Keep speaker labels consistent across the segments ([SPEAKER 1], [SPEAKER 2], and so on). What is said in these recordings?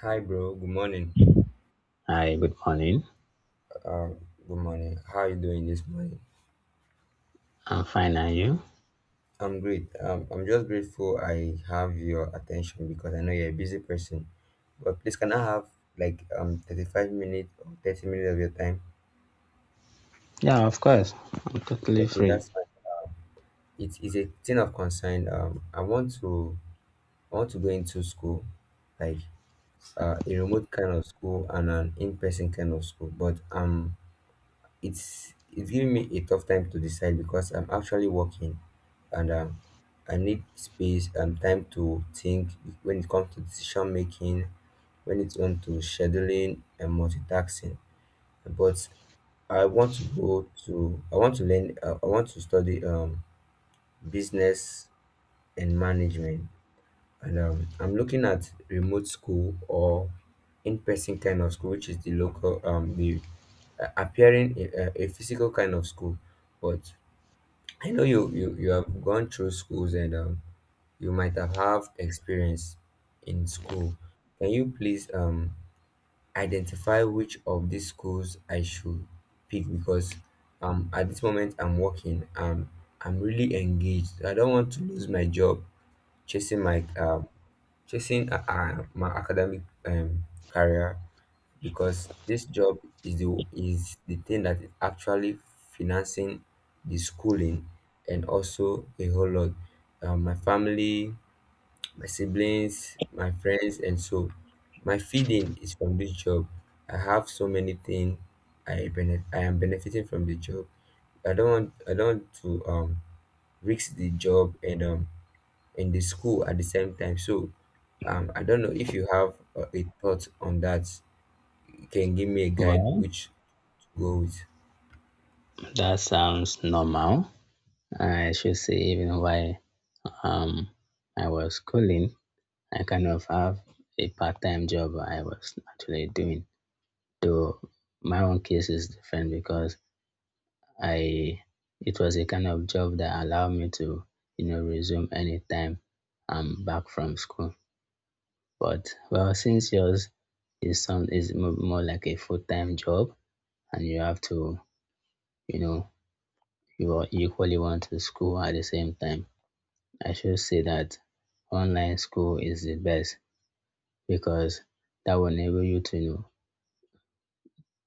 [SPEAKER 1] Hi, bro. Good morning.
[SPEAKER 2] Hi, good morning.
[SPEAKER 1] Uh, Good morning. How are you doing this morning?
[SPEAKER 2] I'm fine, and you?
[SPEAKER 1] I'm great. I'm just grateful I have your attention because I know you're a busy person. But please, can I have like 35 minutes or 30 minutes of your time?
[SPEAKER 2] Yeah, of course. I'm totally
[SPEAKER 1] Okay,
[SPEAKER 2] free.
[SPEAKER 1] that's fine. It is a thing of concern. I want to go into school, like a remote kind of school and an in-person kind of school. But it's giving me a tough time to decide because I'm actually working and I need space and time to think when it comes to decision making, when it comes to scheduling and multitasking. But I want to go to I want to learn I want to study business and management and I'm looking at remote school or in-person kind of school, which is the local, the appearing a physical kind of school. But I know you have gone through schools and you might have experience in school. Can you please identify which of these schools I should pick because at this moment I'm working, I'm really engaged. I don't want to lose my job chasing my chasing a, my academic career because this job is the thing that is actually financing the schooling and also a whole lot. My family, my siblings, my friends, and so my feeding is from this job. I have so many things I am benefiting from the job. I don't want to risk the job and in the school at the same time. So I don't know if you have a thought on that. You can give me a guide
[SPEAKER 2] Well,
[SPEAKER 1] which to go with.
[SPEAKER 2] that sounds normal. I should say, even while um, I was schooling, I kind of have a part time job I was actually doing. Though my own case is different because I it was a kind of job that allowed me to, you know, resume anytime I'm back from school. But well, since yours is more like a full time job, and you have to, you know, you are equally want to school at the same time. I should say that online school is the best because that will enable you to you know,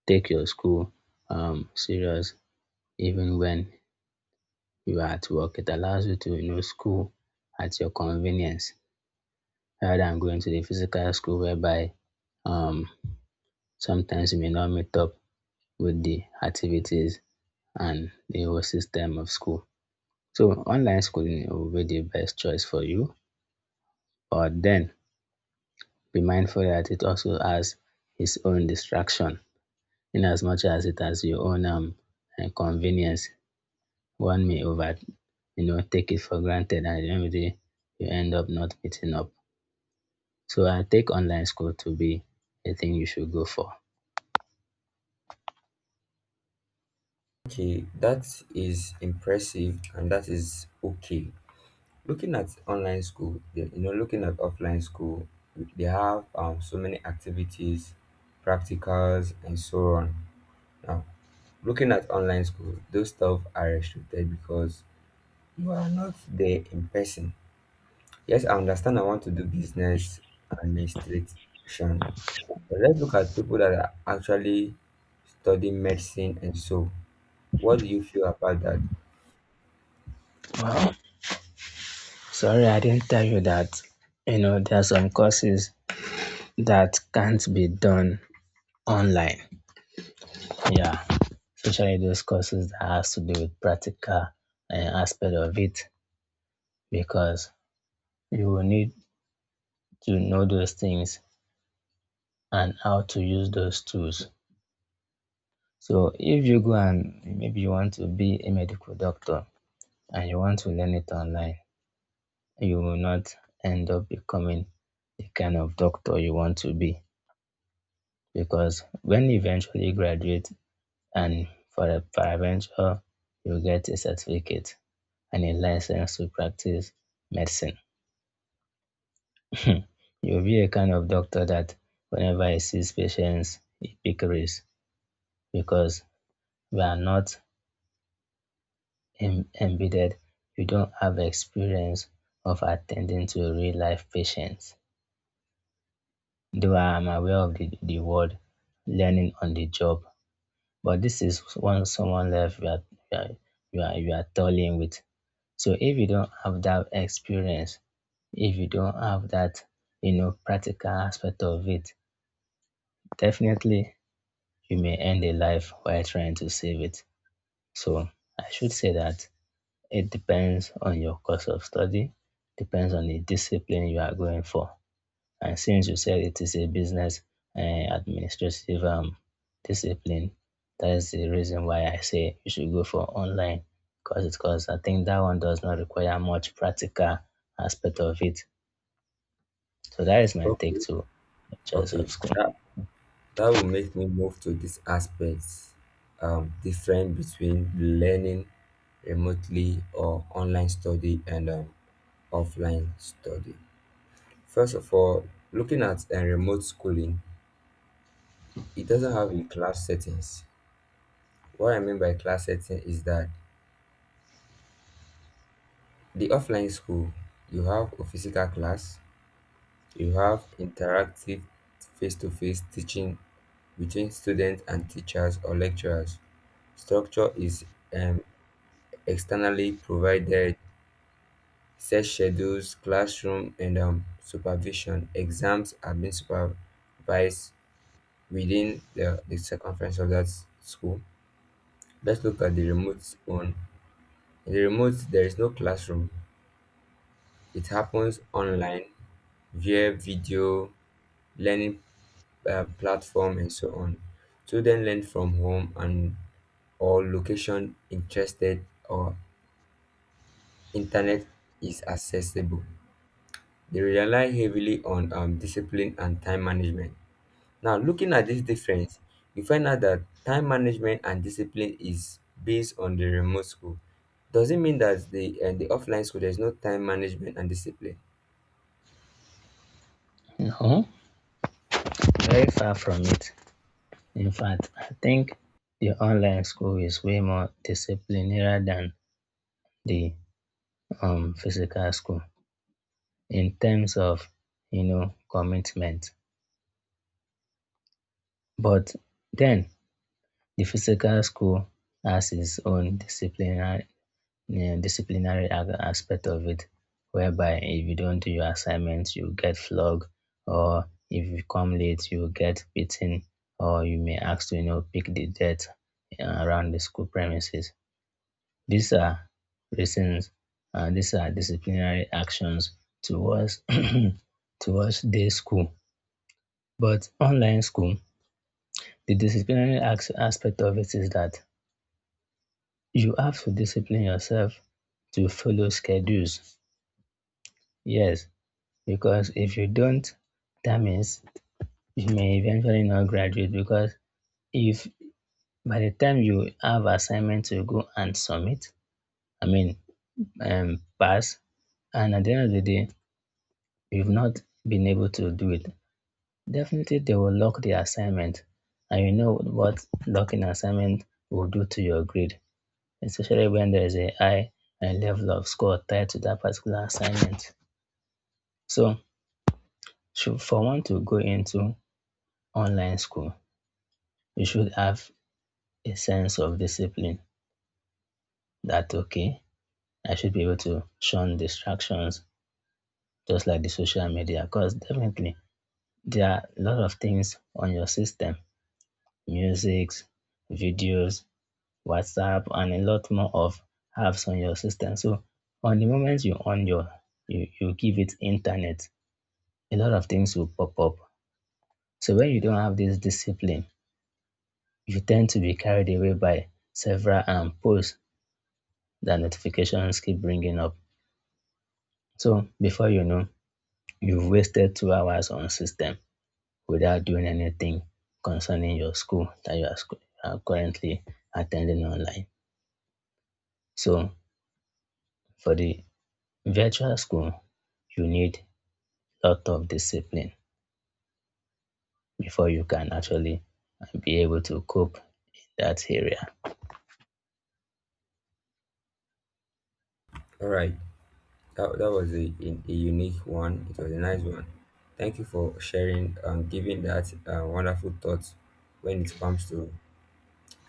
[SPEAKER 2] take your school serious even when you are at work. It allows you to you know school at your convenience rather than going to the physical school whereby um sometimes you may not meet up with the activities and the whole system of school. So online schooling will be the best choice for you, but then be mindful that it also has its own distraction. In as much as it has your own and convenience, one may over you know take it for granted, and at the end of the day, you end up not meeting up. So I take online school to be a thing you should go for.
[SPEAKER 1] Okay, that is impressive and that is okay. Looking at online school, you know, looking at offline school, they have so many activities, practicals, and so on. Now, looking at online school, those stuff are restricted because you are not there in person. Yes, I understand I want to do business administration, but let's look at people that are actually studying medicine and so. What do you feel about that?
[SPEAKER 2] Well, sorry I didn't tell you that you know there are some courses that can't be done online. Yeah, especially those courses that has to do with practical aspect of it because you will need to know those things and how to use those tools. So if you go and maybe you want to be a medical doctor and you want to learn it online, you will not end up becoming the kind of doctor you want to be because when you eventually graduate, and for a paraventure, you get a certificate and a license to practice medicine. You'll be a kind of doctor that whenever he sees patients, he pickeries because we are not embedded. You don't have experience of attending to real life patients. Though I am aware of the word learning on the job, but this is one someone left you are, you are toiling with. So if you don't have that experience, if you don't have that, you know, practical aspect of it, definitely you may end a life while trying to save it. So I should say that it depends on your course of study, depends on the discipline you are going for. And since you said it is a business administrative discipline, that is the reason why I say you should go for online because I think that one does not require much practical aspect of it. So that is my take
[SPEAKER 1] Okay,
[SPEAKER 2] to the choice of
[SPEAKER 1] okay,
[SPEAKER 2] school.
[SPEAKER 1] that that will make me move to this aspect, different between learning remotely or online study and offline study. First of all, looking at a remote schooling, it doesn't have a class settings. What I mean by class setting is that the offline school, you have a physical class, you have interactive face to face teaching between students and teachers or lecturers. Structure is um, externally provided, set schedules, classroom, and supervision. Exams are being supervised within the circumference of that school. Let's look at the remote one. In the remote, there is no classroom, it happens online via video learning platform and so on. Students learn from home and or location interested or internet is accessible. They rely heavily on discipline and time management. Now, looking at this difference, you find out that time management and discipline is based on the remote school. Does it mean that the the offline school there's no time management and discipline?
[SPEAKER 2] No, very far from it. In fact, I think the online school is way more disciplinary than the physical school in terms of you know commitment. But then the physical school has its own disciplinary disciplinary aspect of it, whereby if you don't do your assignments, you get flogged, or if you come late, you get beaten, or you may ask to you know pick the dirt around the school premises. These are reasons, these are disciplinary actions towards towards day school. But online school, the aspect of it is that you have to discipline yourself to follow schedules, yes, because if you don't, that means you may eventually not graduate. Because if by the time you have assignment to go and submit, I mean, pass, and at the end of the day, you've not been able to do it, definitely they will lock the assignment. And you know what locking assignment will do to your grade, especially when there is a high level of score tied to that particular assignment. So for one to go into online school, you should have a sense of discipline that, okay, I should be able to shun distractions just like the social media. Because definitely there are a lot of things on your system, musics, videos, WhatsApp, and a lot more of apps on your system. So on the moment you on your, you give it internet, a lot of things will pop up. So when you don't have this discipline, you tend to be carried away by several posts that notifications keep bringing up. So before you know, you've wasted 2 hours on system without doing anything concerning your school that you are currently attending online. So for the virtual school, you need a lot of discipline before you can actually be able to cope in that area.
[SPEAKER 1] All right. That was a unique one. It was a nice one. Thank you for sharing and giving that wonderful thought when it comes to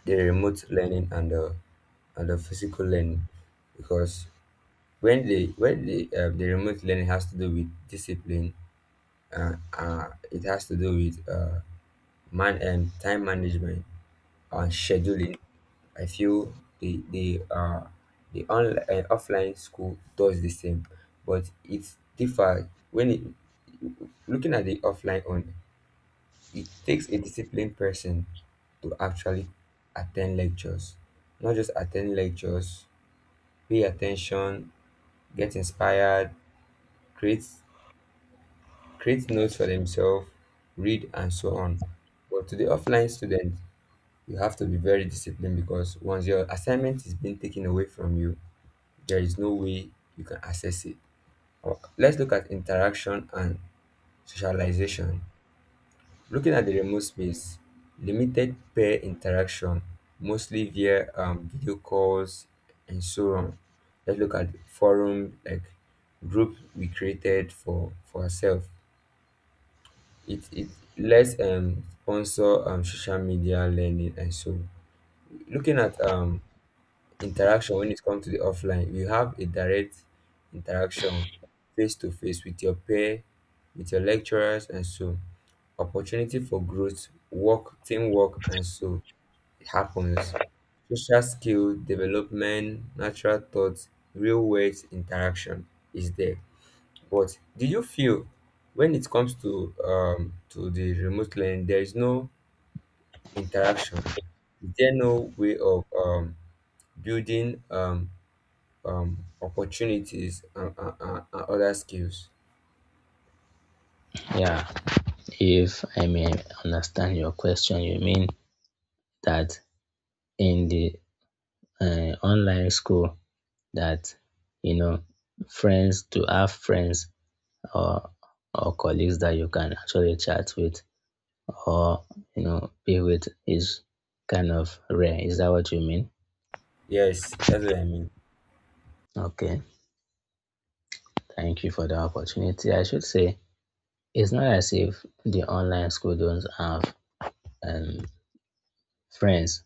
[SPEAKER 1] the remote learning and the physical learning, because when the remote learning has to do with discipline, it has to do with man and time management and scheduling. I feel the online offline school does the same, but it's different when it. Looking at the offline one, it takes a disciplined person to actually attend lectures. Not just attend lectures, pay attention, get inspired, create create notes for themselves, read and so on. But to the offline student, you have to be very disciplined because once your assignment is being taken away from you, there is no way you can access it. Let's look at interaction and socialization. Looking at the remote space, limited peer interaction, mostly via video calls and so on. Let's look at forum like group we created for ourselves. It lets sponsor social media learning and so on. Looking at interaction when it comes to the offline, you have a direct interaction face to face with your peer, with your lecturers and so opportunity for growth, work, teamwork, and so it happens. Social skill development, natural thoughts, real world interaction is there. But do you feel when it comes to to the remote learning, there is no interaction? Is there no way of building opportunities and other skills?
[SPEAKER 2] Yeah, if I may understand your question, you mean that in the online school that you know friends to have friends or or colleagues that you can actually chat with or you know be with is kind of rare. Is that what you mean?
[SPEAKER 1] Yes, that's what I mean.
[SPEAKER 2] Okay, thank you for the opportunity. I should say it's not as if the online school don't have um, friends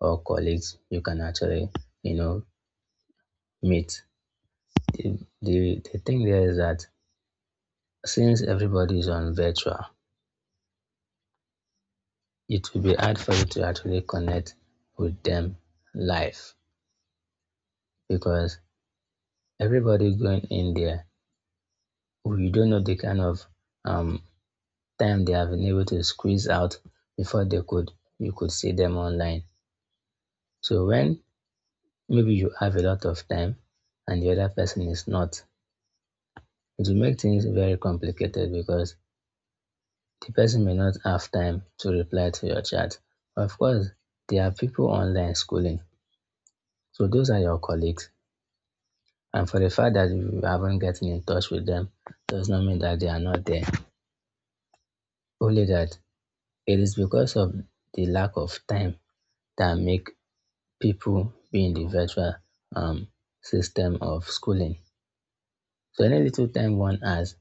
[SPEAKER 2] or colleagues you can actually you know meet. The the thing there is that since everybody is on virtual, it will be hard for you to actually connect with them live because everybody going in there, you don't know the kind of um, time they have been able to squeeze out before they could you could see them online. So when maybe you have a lot of time and the other person is not, it will make things very complicated because the person may not have time to reply to your chat. Of course, there are people online schooling. So those are your colleagues, and for the fact that you haven't gotten in touch with them does not mean that they are not there. Only that it is because of the lack of time that make people be in the virtual um, system of schooling. So any little time one has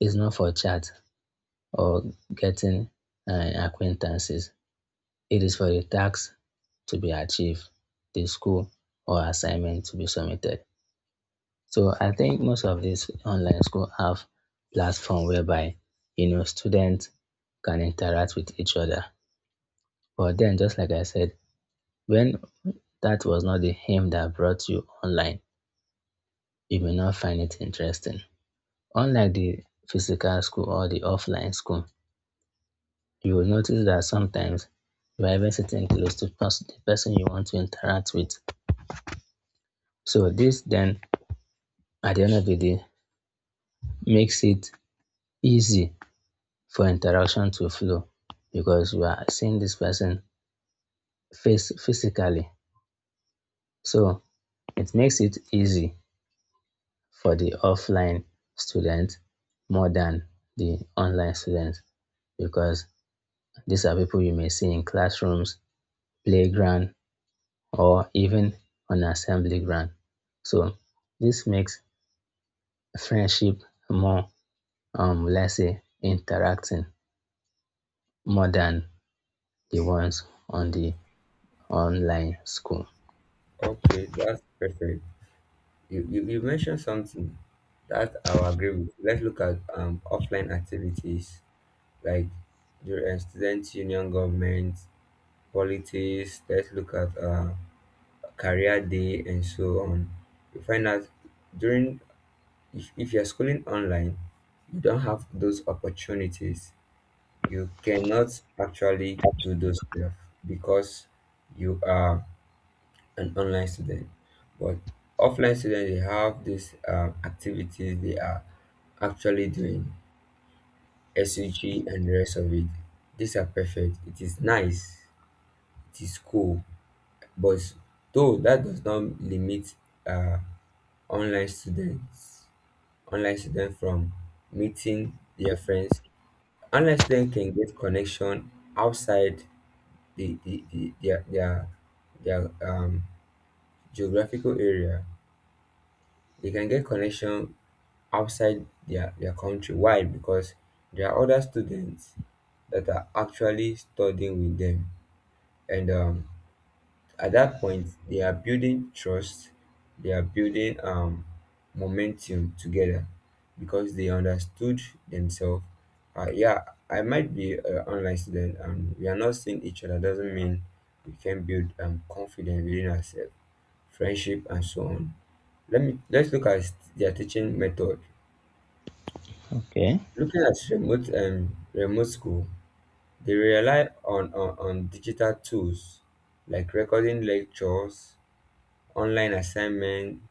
[SPEAKER 2] is not for chat or getting acquaintances. It is for the task to be achieved, the school or assignment to be submitted. So I think most of these online school have platform whereby you know students can interact with each other. But then just like I said, when that was not the aim that brought you online, you may not find it interesting. Unlike the physical school or the offline school, you will notice that sometimes you are even sitting close to the person you want to interact with. So this then at the end of the day makes it easy for interaction to flow because you are seeing this person face physically. So it makes it easy for the offline student more than the online student because these are people you may see in classrooms, playground, or even on assembly ground. So this makes friendship more, let's say, interacting more than the ones on the online school.
[SPEAKER 1] Okay, that's perfect. You mentioned something that I agree with. Let's look at offline activities like the student union government, politics. Let's look at career day and so on. You find out during if you're schooling online, you don't have those opportunities. You cannot actually do those stuff because you are an online student. But offline students, they have these activities. They are actually doing, SUG and the rest of it. These are perfect. It is nice. It is cool. But though that does not limit uh, online students, online students from meeting their friends. Online students can get connection outside the, the, the their their their geographical area. They can get connection outside their country. Why? Because there are other students that are actually studying with them. And at that point, they are building trust, they are building momentum together because they understood themselves. Yeah, I might be an online student, and we are not seeing each other, doesn't mean we can build confidence within ourselves, friendship, and so on. Let me let's look at their teaching method.
[SPEAKER 2] Okay.
[SPEAKER 1] Looking at remote school, they rely on digital tools like recording lectures, online assignment.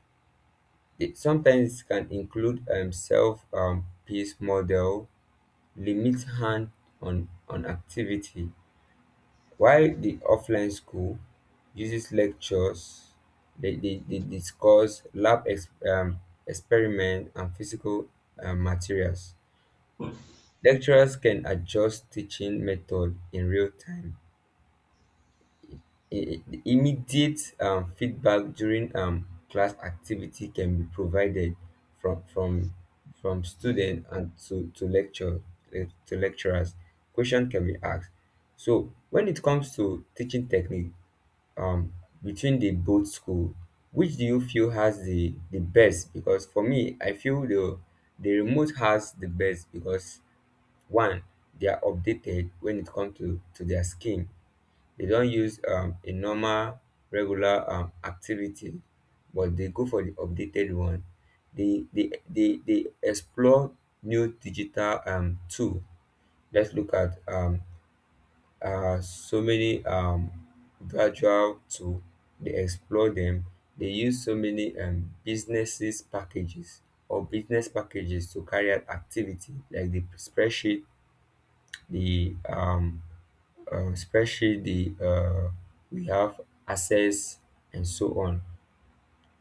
[SPEAKER 1] They sometimes can include self paced model, limit hand on activity. While the offline school uses lectures, they discuss lab experiment and physical materials. Lecturers can adjust teaching method in real time. Immediate feedback during class activity can be provided from from from student and to lecturers. Question can be asked. So when it comes to teaching technique, um, between the both school, which do you feel has the best? Because for me, I feel the remote has the best because one, they are updated when it comes to their scheme, they don't use a normal regular activity, but they go for the updated one. They explore new digital tool. Let's look at so many virtual tool. They explore them. They use so many businesses packages or business packages to carry out activity like the spreadsheet, the spreadsheet the we have access and so on.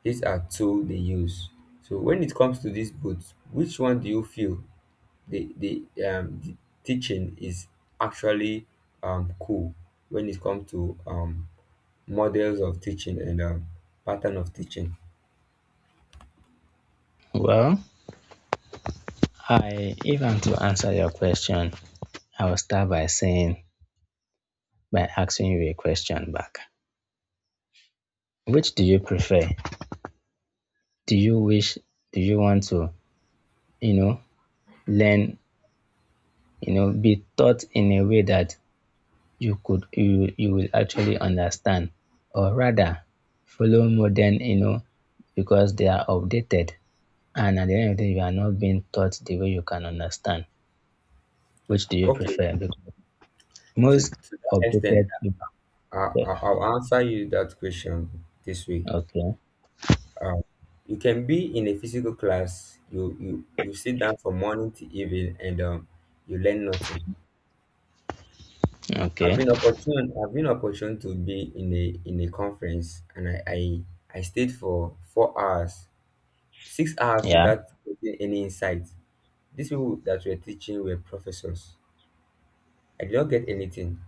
[SPEAKER 1] These are tools they use. So when it comes to these books, which one do you feel the the, the teaching is actually cool when it comes to models of teaching and pattern of teaching?
[SPEAKER 2] Well, I if I'm to answer your question, I will start by saying by asking you a question back. Which do you prefer? Do you wish do you want to, you know, learn, you know, be taught in a way that you could you you will actually understand or rather follow modern, you know, because they are outdated and at the end of the day you are not being taught the way you can understand. Which do you
[SPEAKER 1] Okay,
[SPEAKER 2] prefer? Because
[SPEAKER 1] to,
[SPEAKER 2] most
[SPEAKER 1] to that extent,
[SPEAKER 2] outdated people
[SPEAKER 1] I'll answer you that question this way.
[SPEAKER 2] okay.
[SPEAKER 1] You can be in a physical class, you sit down from morning to evening and you learn nothing.
[SPEAKER 2] Okay.
[SPEAKER 1] I've been opportune to be in a conference and I stayed for 4 hours, 6 hours
[SPEAKER 2] Yeah.
[SPEAKER 1] without getting any insight. These people that were teaching were professors. I did not get anything.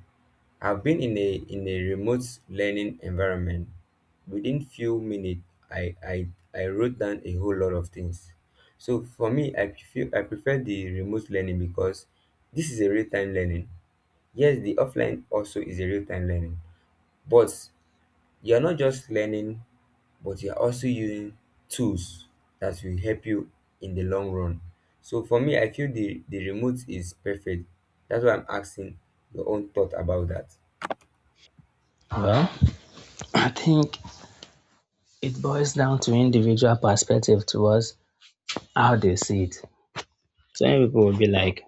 [SPEAKER 1] I've been in a remote learning environment. Within few minutes, I I I wrote down a whole lot of things. So for me, I prefer the remote learning because this is a real time learning. Yes, the offline also is a real time learning, but you are not just learning, but you are also using tools that will help you in the long run. So for me, I feel the remote is perfect. That's why I'm asking your own thought about that.
[SPEAKER 2] Well, I think it boils down to individual perspective towards how they see it. Some people will be like,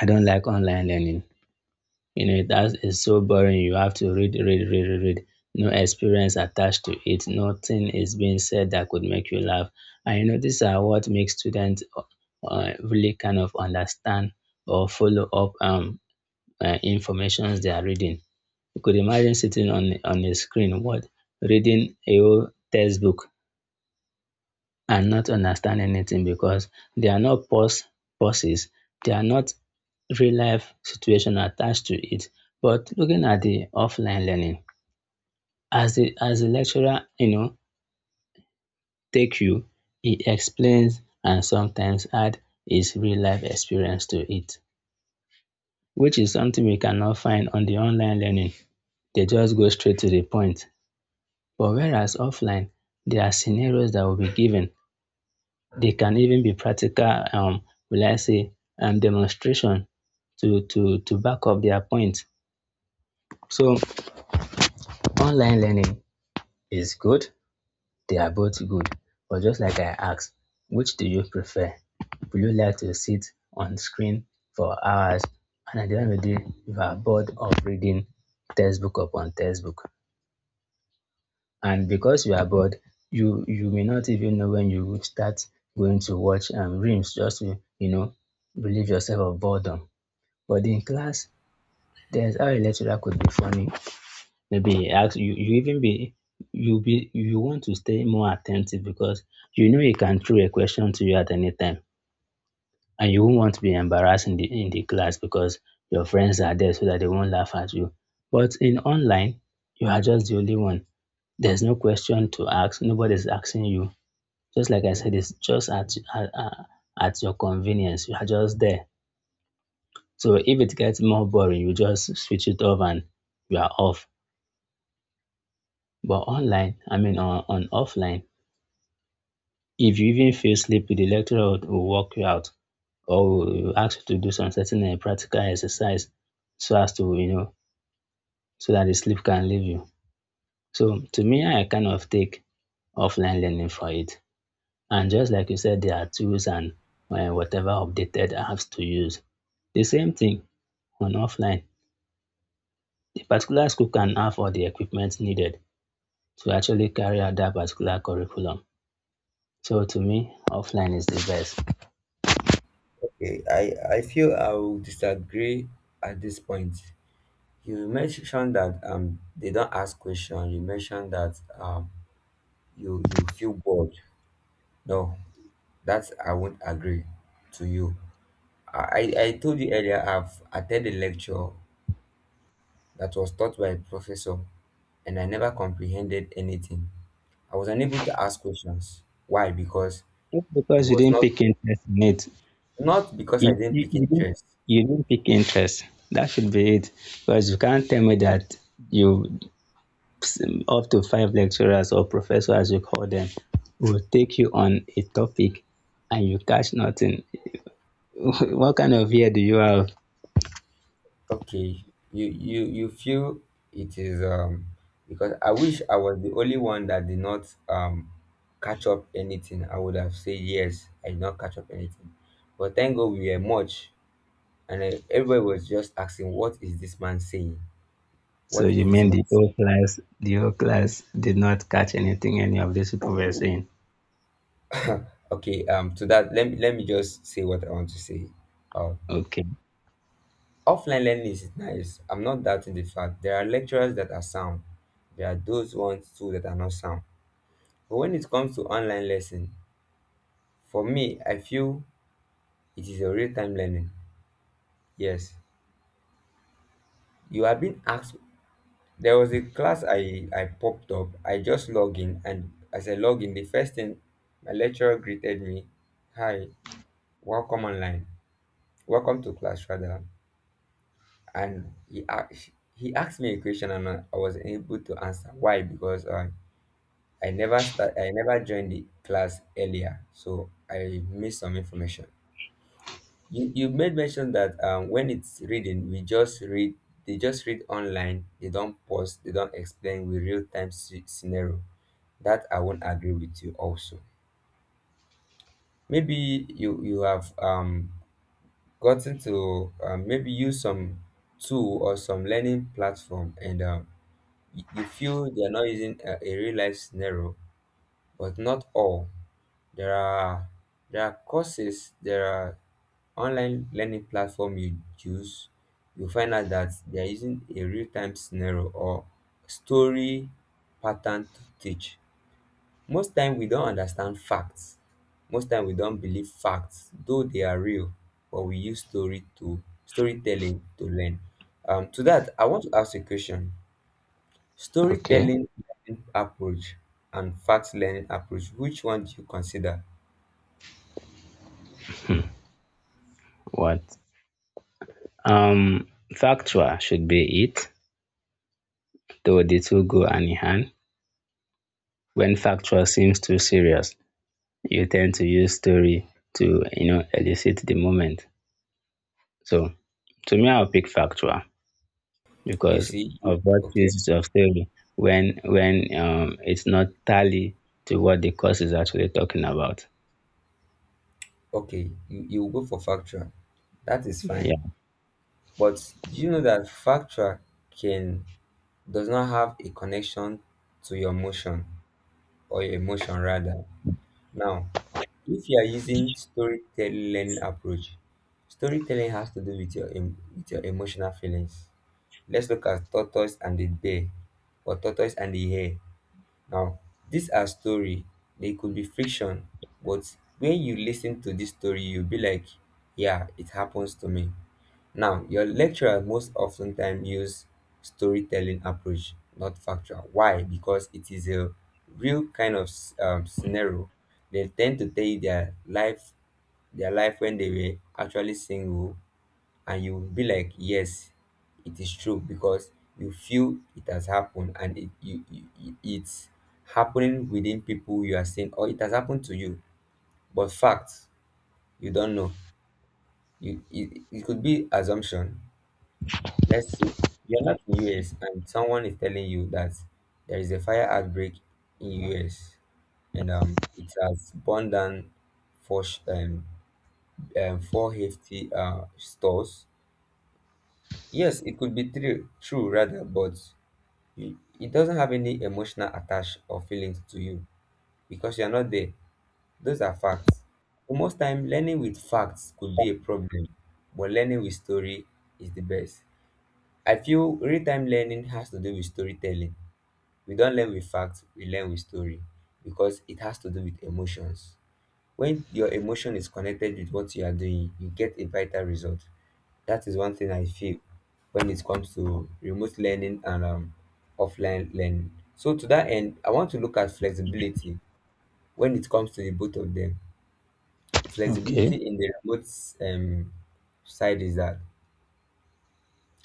[SPEAKER 2] I don't like online learning. You know, that is so boring. You have to read, read, read, read, read. No experience attached to it. Nothing is being said that could make you laugh. And you know, these are what makes students really kind of understand or follow up informations they are reading. You could imagine sitting on a screen, what reading a whole textbook and not understand anything because they are not pauses. They are not real life situation attached to it. But looking at the offline learning, as the lecturer, you know, take you, he explains and sometimes add his real life experience to it, which is something we cannot find on the online learning. They just go straight to the point. But whereas offline, there are scenarios that will be given. They can even be practical, will I say, demonstration to back up their point. So online learning is good. They are both good. But just like I asked, which do you prefer? Would you like to sit on screen for hours and at the end of the day, you are bored of reading textbook upon textbook? And because you are bored, you may not even know when you would start going to watch reams just to relieve yourself of boredom. But in class, there's how a lecturer could be funny. Maybe he asks you you even be you want to stay more attentive because you know he can throw a question to you at any time, and you won't want to be embarrassed in the class because your friends are there so that they won't laugh at you. But in online, you are just the only one. There's no question to ask, nobody's asking you, just like I said, it's just at your convenience. You are just there. So if it gets more boring, you just switch it off and you are off. But online, I mean on offline, if you even feel sleepy, the lecturer will walk you out or will ask you to do some certain practical exercise so as to so that the sleep can leave you. So to me, I kind of take offline learning for it. And just like you said, there are tools and whatever updated apps to use. The same thing on offline. The particular school can have all the equipment needed to actually carry out that particular curriculum. So to me, offline is the best.
[SPEAKER 1] Okay, I feel I will disagree at this point. You mentioned that they don't ask questions. You mentioned that you feel bored. No, that's I won't agree to you. I told you earlier I've attended a lecture that was taught by a professor and I never comprehended anything. I was unable to ask questions. Why? Because
[SPEAKER 2] Not
[SPEAKER 1] he
[SPEAKER 2] because you
[SPEAKER 1] was
[SPEAKER 2] didn't
[SPEAKER 1] not,
[SPEAKER 2] pick interest in it.
[SPEAKER 1] not because I
[SPEAKER 2] You,
[SPEAKER 1] didn't
[SPEAKER 2] you,
[SPEAKER 1] pick
[SPEAKER 2] you, didn't,
[SPEAKER 1] interest.
[SPEAKER 2] you didn't pick interest. That should be it. Because you can't tell me that you, up to 5 lecturers or professor as you call them, will take you on a topic and you catch nothing. What kind of year do you have?
[SPEAKER 1] Okay, you feel it is because I wish I was the only one that did not catch up anything. I would have said yes, I did not catch up anything. But thank God we were much, and everybody was just asking, "What is this man saying?
[SPEAKER 2] So
[SPEAKER 1] What
[SPEAKER 2] you
[SPEAKER 1] is this
[SPEAKER 2] mean
[SPEAKER 1] man
[SPEAKER 2] the
[SPEAKER 1] saying?"
[SPEAKER 2] whole class, the whole class did not catch anything any of these people were saying?
[SPEAKER 1] Okay, to that let me just say what I want to say. Um,
[SPEAKER 2] Okay.
[SPEAKER 1] Offline learning is nice. I'm not doubting the fact there are lecturers that are sound. There are those ones too that are not sound. But when it comes to online lesson. For me, I feel it is a real time learning. Yes, you have been asked. There was a class I popped up. I just log in, and as I log in, the first thing my lecturer greeted me, "Hi, welcome online. Welcome to class, rather." And he asked me a question, and I was able to answer. Why? Because I never start. I never joined the class earlier, so I missed some information. You made mention that when it's reading, we just read. They just read online. They don't pause. They don't explain with real time scenario. That I won't agree with you. Also, maybe you have gotten to maybe use some tool or some learning platform, and you feel they are not using a real life scenario, but not all. There are there are courses. There are online learning platform you choose you find out that they are using a real-time scenario or story pattern to teach. Most time we don't understand facts. Most time we don't believe facts though they are real, but we use story to storytelling to learn. To that I want to ask a question.
[SPEAKER 2] Okay.
[SPEAKER 1] Storytelling learning approach and fact learning approach, which one do you consider?
[SPEAKER 2] what um Factual should be it, though the two go hand in hand. When factual seems too serious, you tend to use story to elicit the moment. So to me, I'll pick factual
[SPEAKER 1] You
[SPEAKER 2] because
[SPEAKER 1] see you,
[SPEAKER 2] of what
[SPEAKER 1] okay.
[SPEAKER 2] is of theory when it's not tally to what the course is actually talking about.
[SPEAKER 1] Okay, you will go for factual. That is fine.
[SPEAKER 2] Yeah.
[SPEAKER 1] But do you know that factual can does not have a connection to your emotion or your emotion rather. Now, if you are using storytelling approach, storytelling has to do with your with your emotional feelings. Let's look at tortoise and the bear or tortoise and the hare. Now, these are story. They could be fiction, but when you listen to this story, you'll be like, yeah, it happens to me. Now, your lecturer most often time use storytelling approach, not factual. Why? Because it is a real kind of scenario. They tend to tell you their life when they were actually single, and you will be like yes it is true because you feel it has happened, and it it's happening within people you are seeing or it has happened to you. But fact you don't know. You It could be assumption. Let's see, you're not in US and someone is telling you that there is a fire outbreak in US, and it has burned down four sh- um, four hefty stores. Yes, it could be true, true rather, but you, it doesn't have any emotional attach or feelings to you because you are not there. Those are facts. For most time, learning with facts could be a problem, but learning with story is the best. I feel real-time learning has to do with storytelling. We don't learn with facts, we learn with story because it has to do with emotions. When your emotion is connected with what you are doing, you get a vital result. That is one thing I feel when it comes to remote learning and offline learning. So to that end I want to look at flexibility when it comes to the both of them.
[SPEAKER 2] Okay.
[SPEAKER 1] Flexibility in the remote um, side is that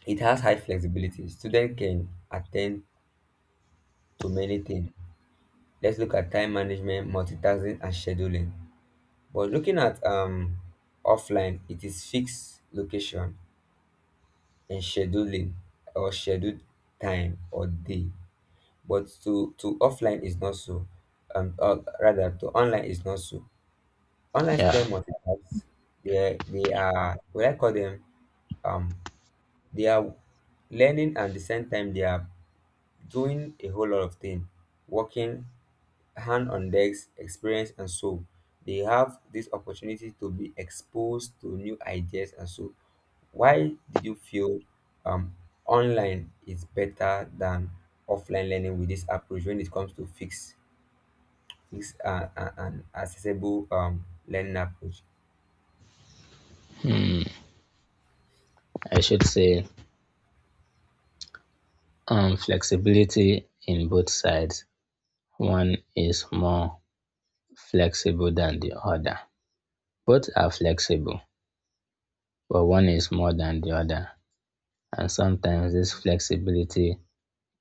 [SPEAKER 1] it has high flexibility. Students can attend to many things. Let's look at time management, multitasking, and scheduling. But looking at offline, it is fixed location and scheduling or scheduled time or day. But to offline is not so, or rather to online is not so. Online
[SPEAKER 2] Yeah.
[SPEAKER 1] student must adapt. They are what I call them, um they are learning and the same time they are doing a whole lot of things, working, hand on decks experience, and so they have this opportunity to be exposed to new ideas. And so why did you feel um, online is better than offline learning with this approach when it comes to fix an accessible learning approach.
[SPEAKER 2] Hmm. I should say, flexibility in both sides. One is more flexible than the other. Both are flexible, but one is more than the other. And sometimes this flexibility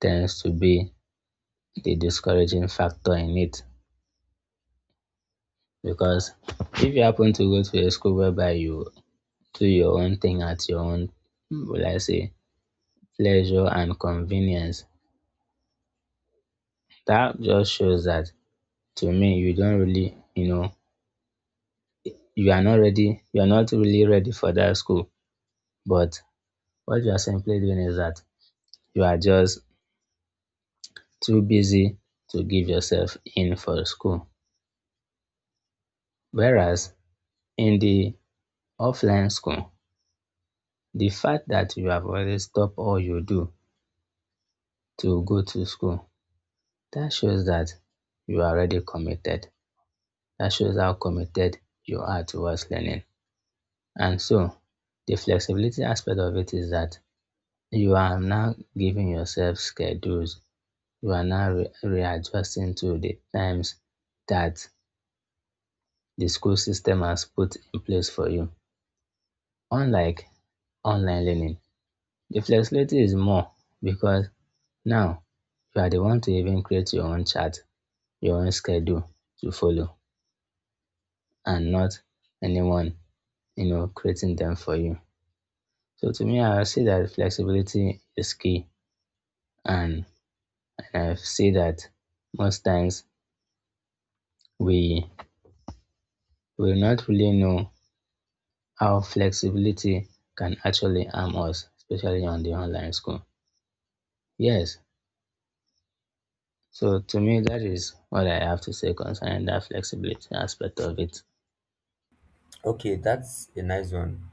[SPEAKER 2] tends to be the discouraging factor in it because if you happen to go to a school whereby you do your own thing at your own, will I say, pleasure and convenience. That just shows that, to me, you don't really, you know, you are not ready, you are not really ready for that school. But what you are simply doing is that you are just too busy to give yourself in for school. Whereas in the offline school, the fact that you have already stopped all you do to go to school, that shows that you are already committed. That shows how committed you are towards learning. And so the flexibility aspect of it is that you are now giving yourself schedules. You are now readjusting to the times that the school system has put in place for you. Unlike online learning, the flexibility is more because now you are the one to even create your own chart, your own schedule to follow, and not anyone, you know, creating them for you. So to me, I say that flexibility is key, and I say that most times we will not really know how flexibility can actually harm us, especially on the online school. Yes, so to me, that is what I have to say concerning that flexibility aspect of it.
[SPEAKER 1] Okay, that's a nice one.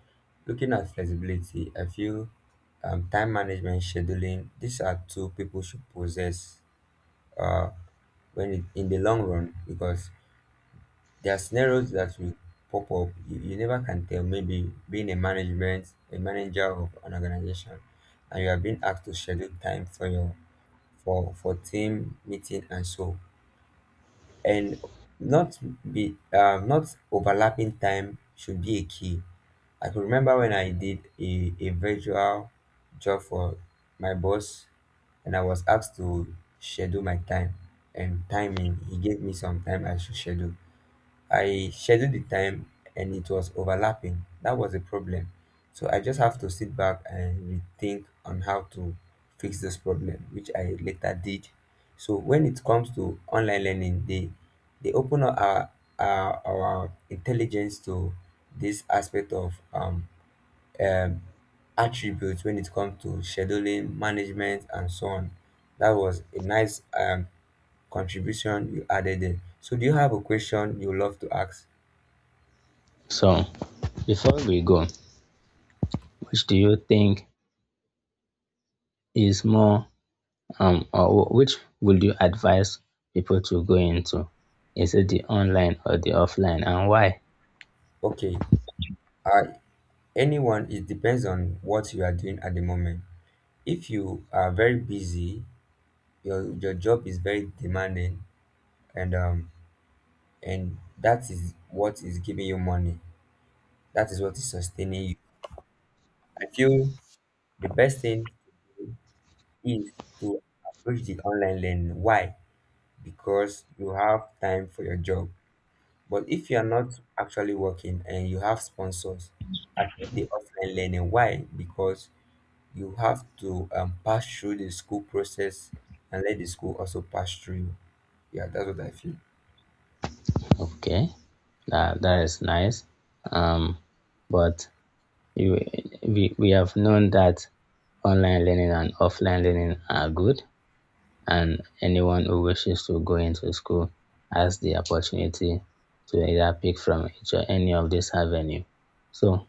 [SPEAKER 1] Looking at flexibility, I feel time management, scheduling, these are two people should possess uh, when it, in the long run, because there are scenarios that will pop up. You never can tell. Maybe being a management, a manager of an organization, and you are being asked to schedule time for your for team meeting and so and not be not overlapping time should be a key. I could remember when I did a virtual job for my boss, and I was asked to schedule my time and timing. He gave me some time I should schedule. I scheduled the time and it was overlapping. That was a problem. So I just have to sit back and rethink on how to fix this problem, which I later did. So when it comes to online learning, they open up our our intelligence to this aspect of um attributes when it comes to scheduling, management, and so on. That was a nice contribution you added in. So do you have a question you love to ask?
[SPEAKER 2] So before we go, which do you think is more, or which would you advise people to go into? Is it the online or the offline, and why?
[SPEAKER 1] Okay, uh, anyone, it depends on what you are doing at the moment. If you are very busy, your job is very demanding, and um, and that is what is giving you money. That is what is sustaining you. I feel the best thing is to approach the online learning. Why? Because you have time for your job. But if you are not actually working and you have sponsors, attend the offline learning. Why? Because you have to pass through the school process and let the school also pass through you. Yeah, that's what I feel.
[SPEAKER 2] Okay, that is nice. Um, but you, we have known that online learning and offline learning are good, and anyone who wishes to go into school has the opportunity to either pick from each or any of this avenue. So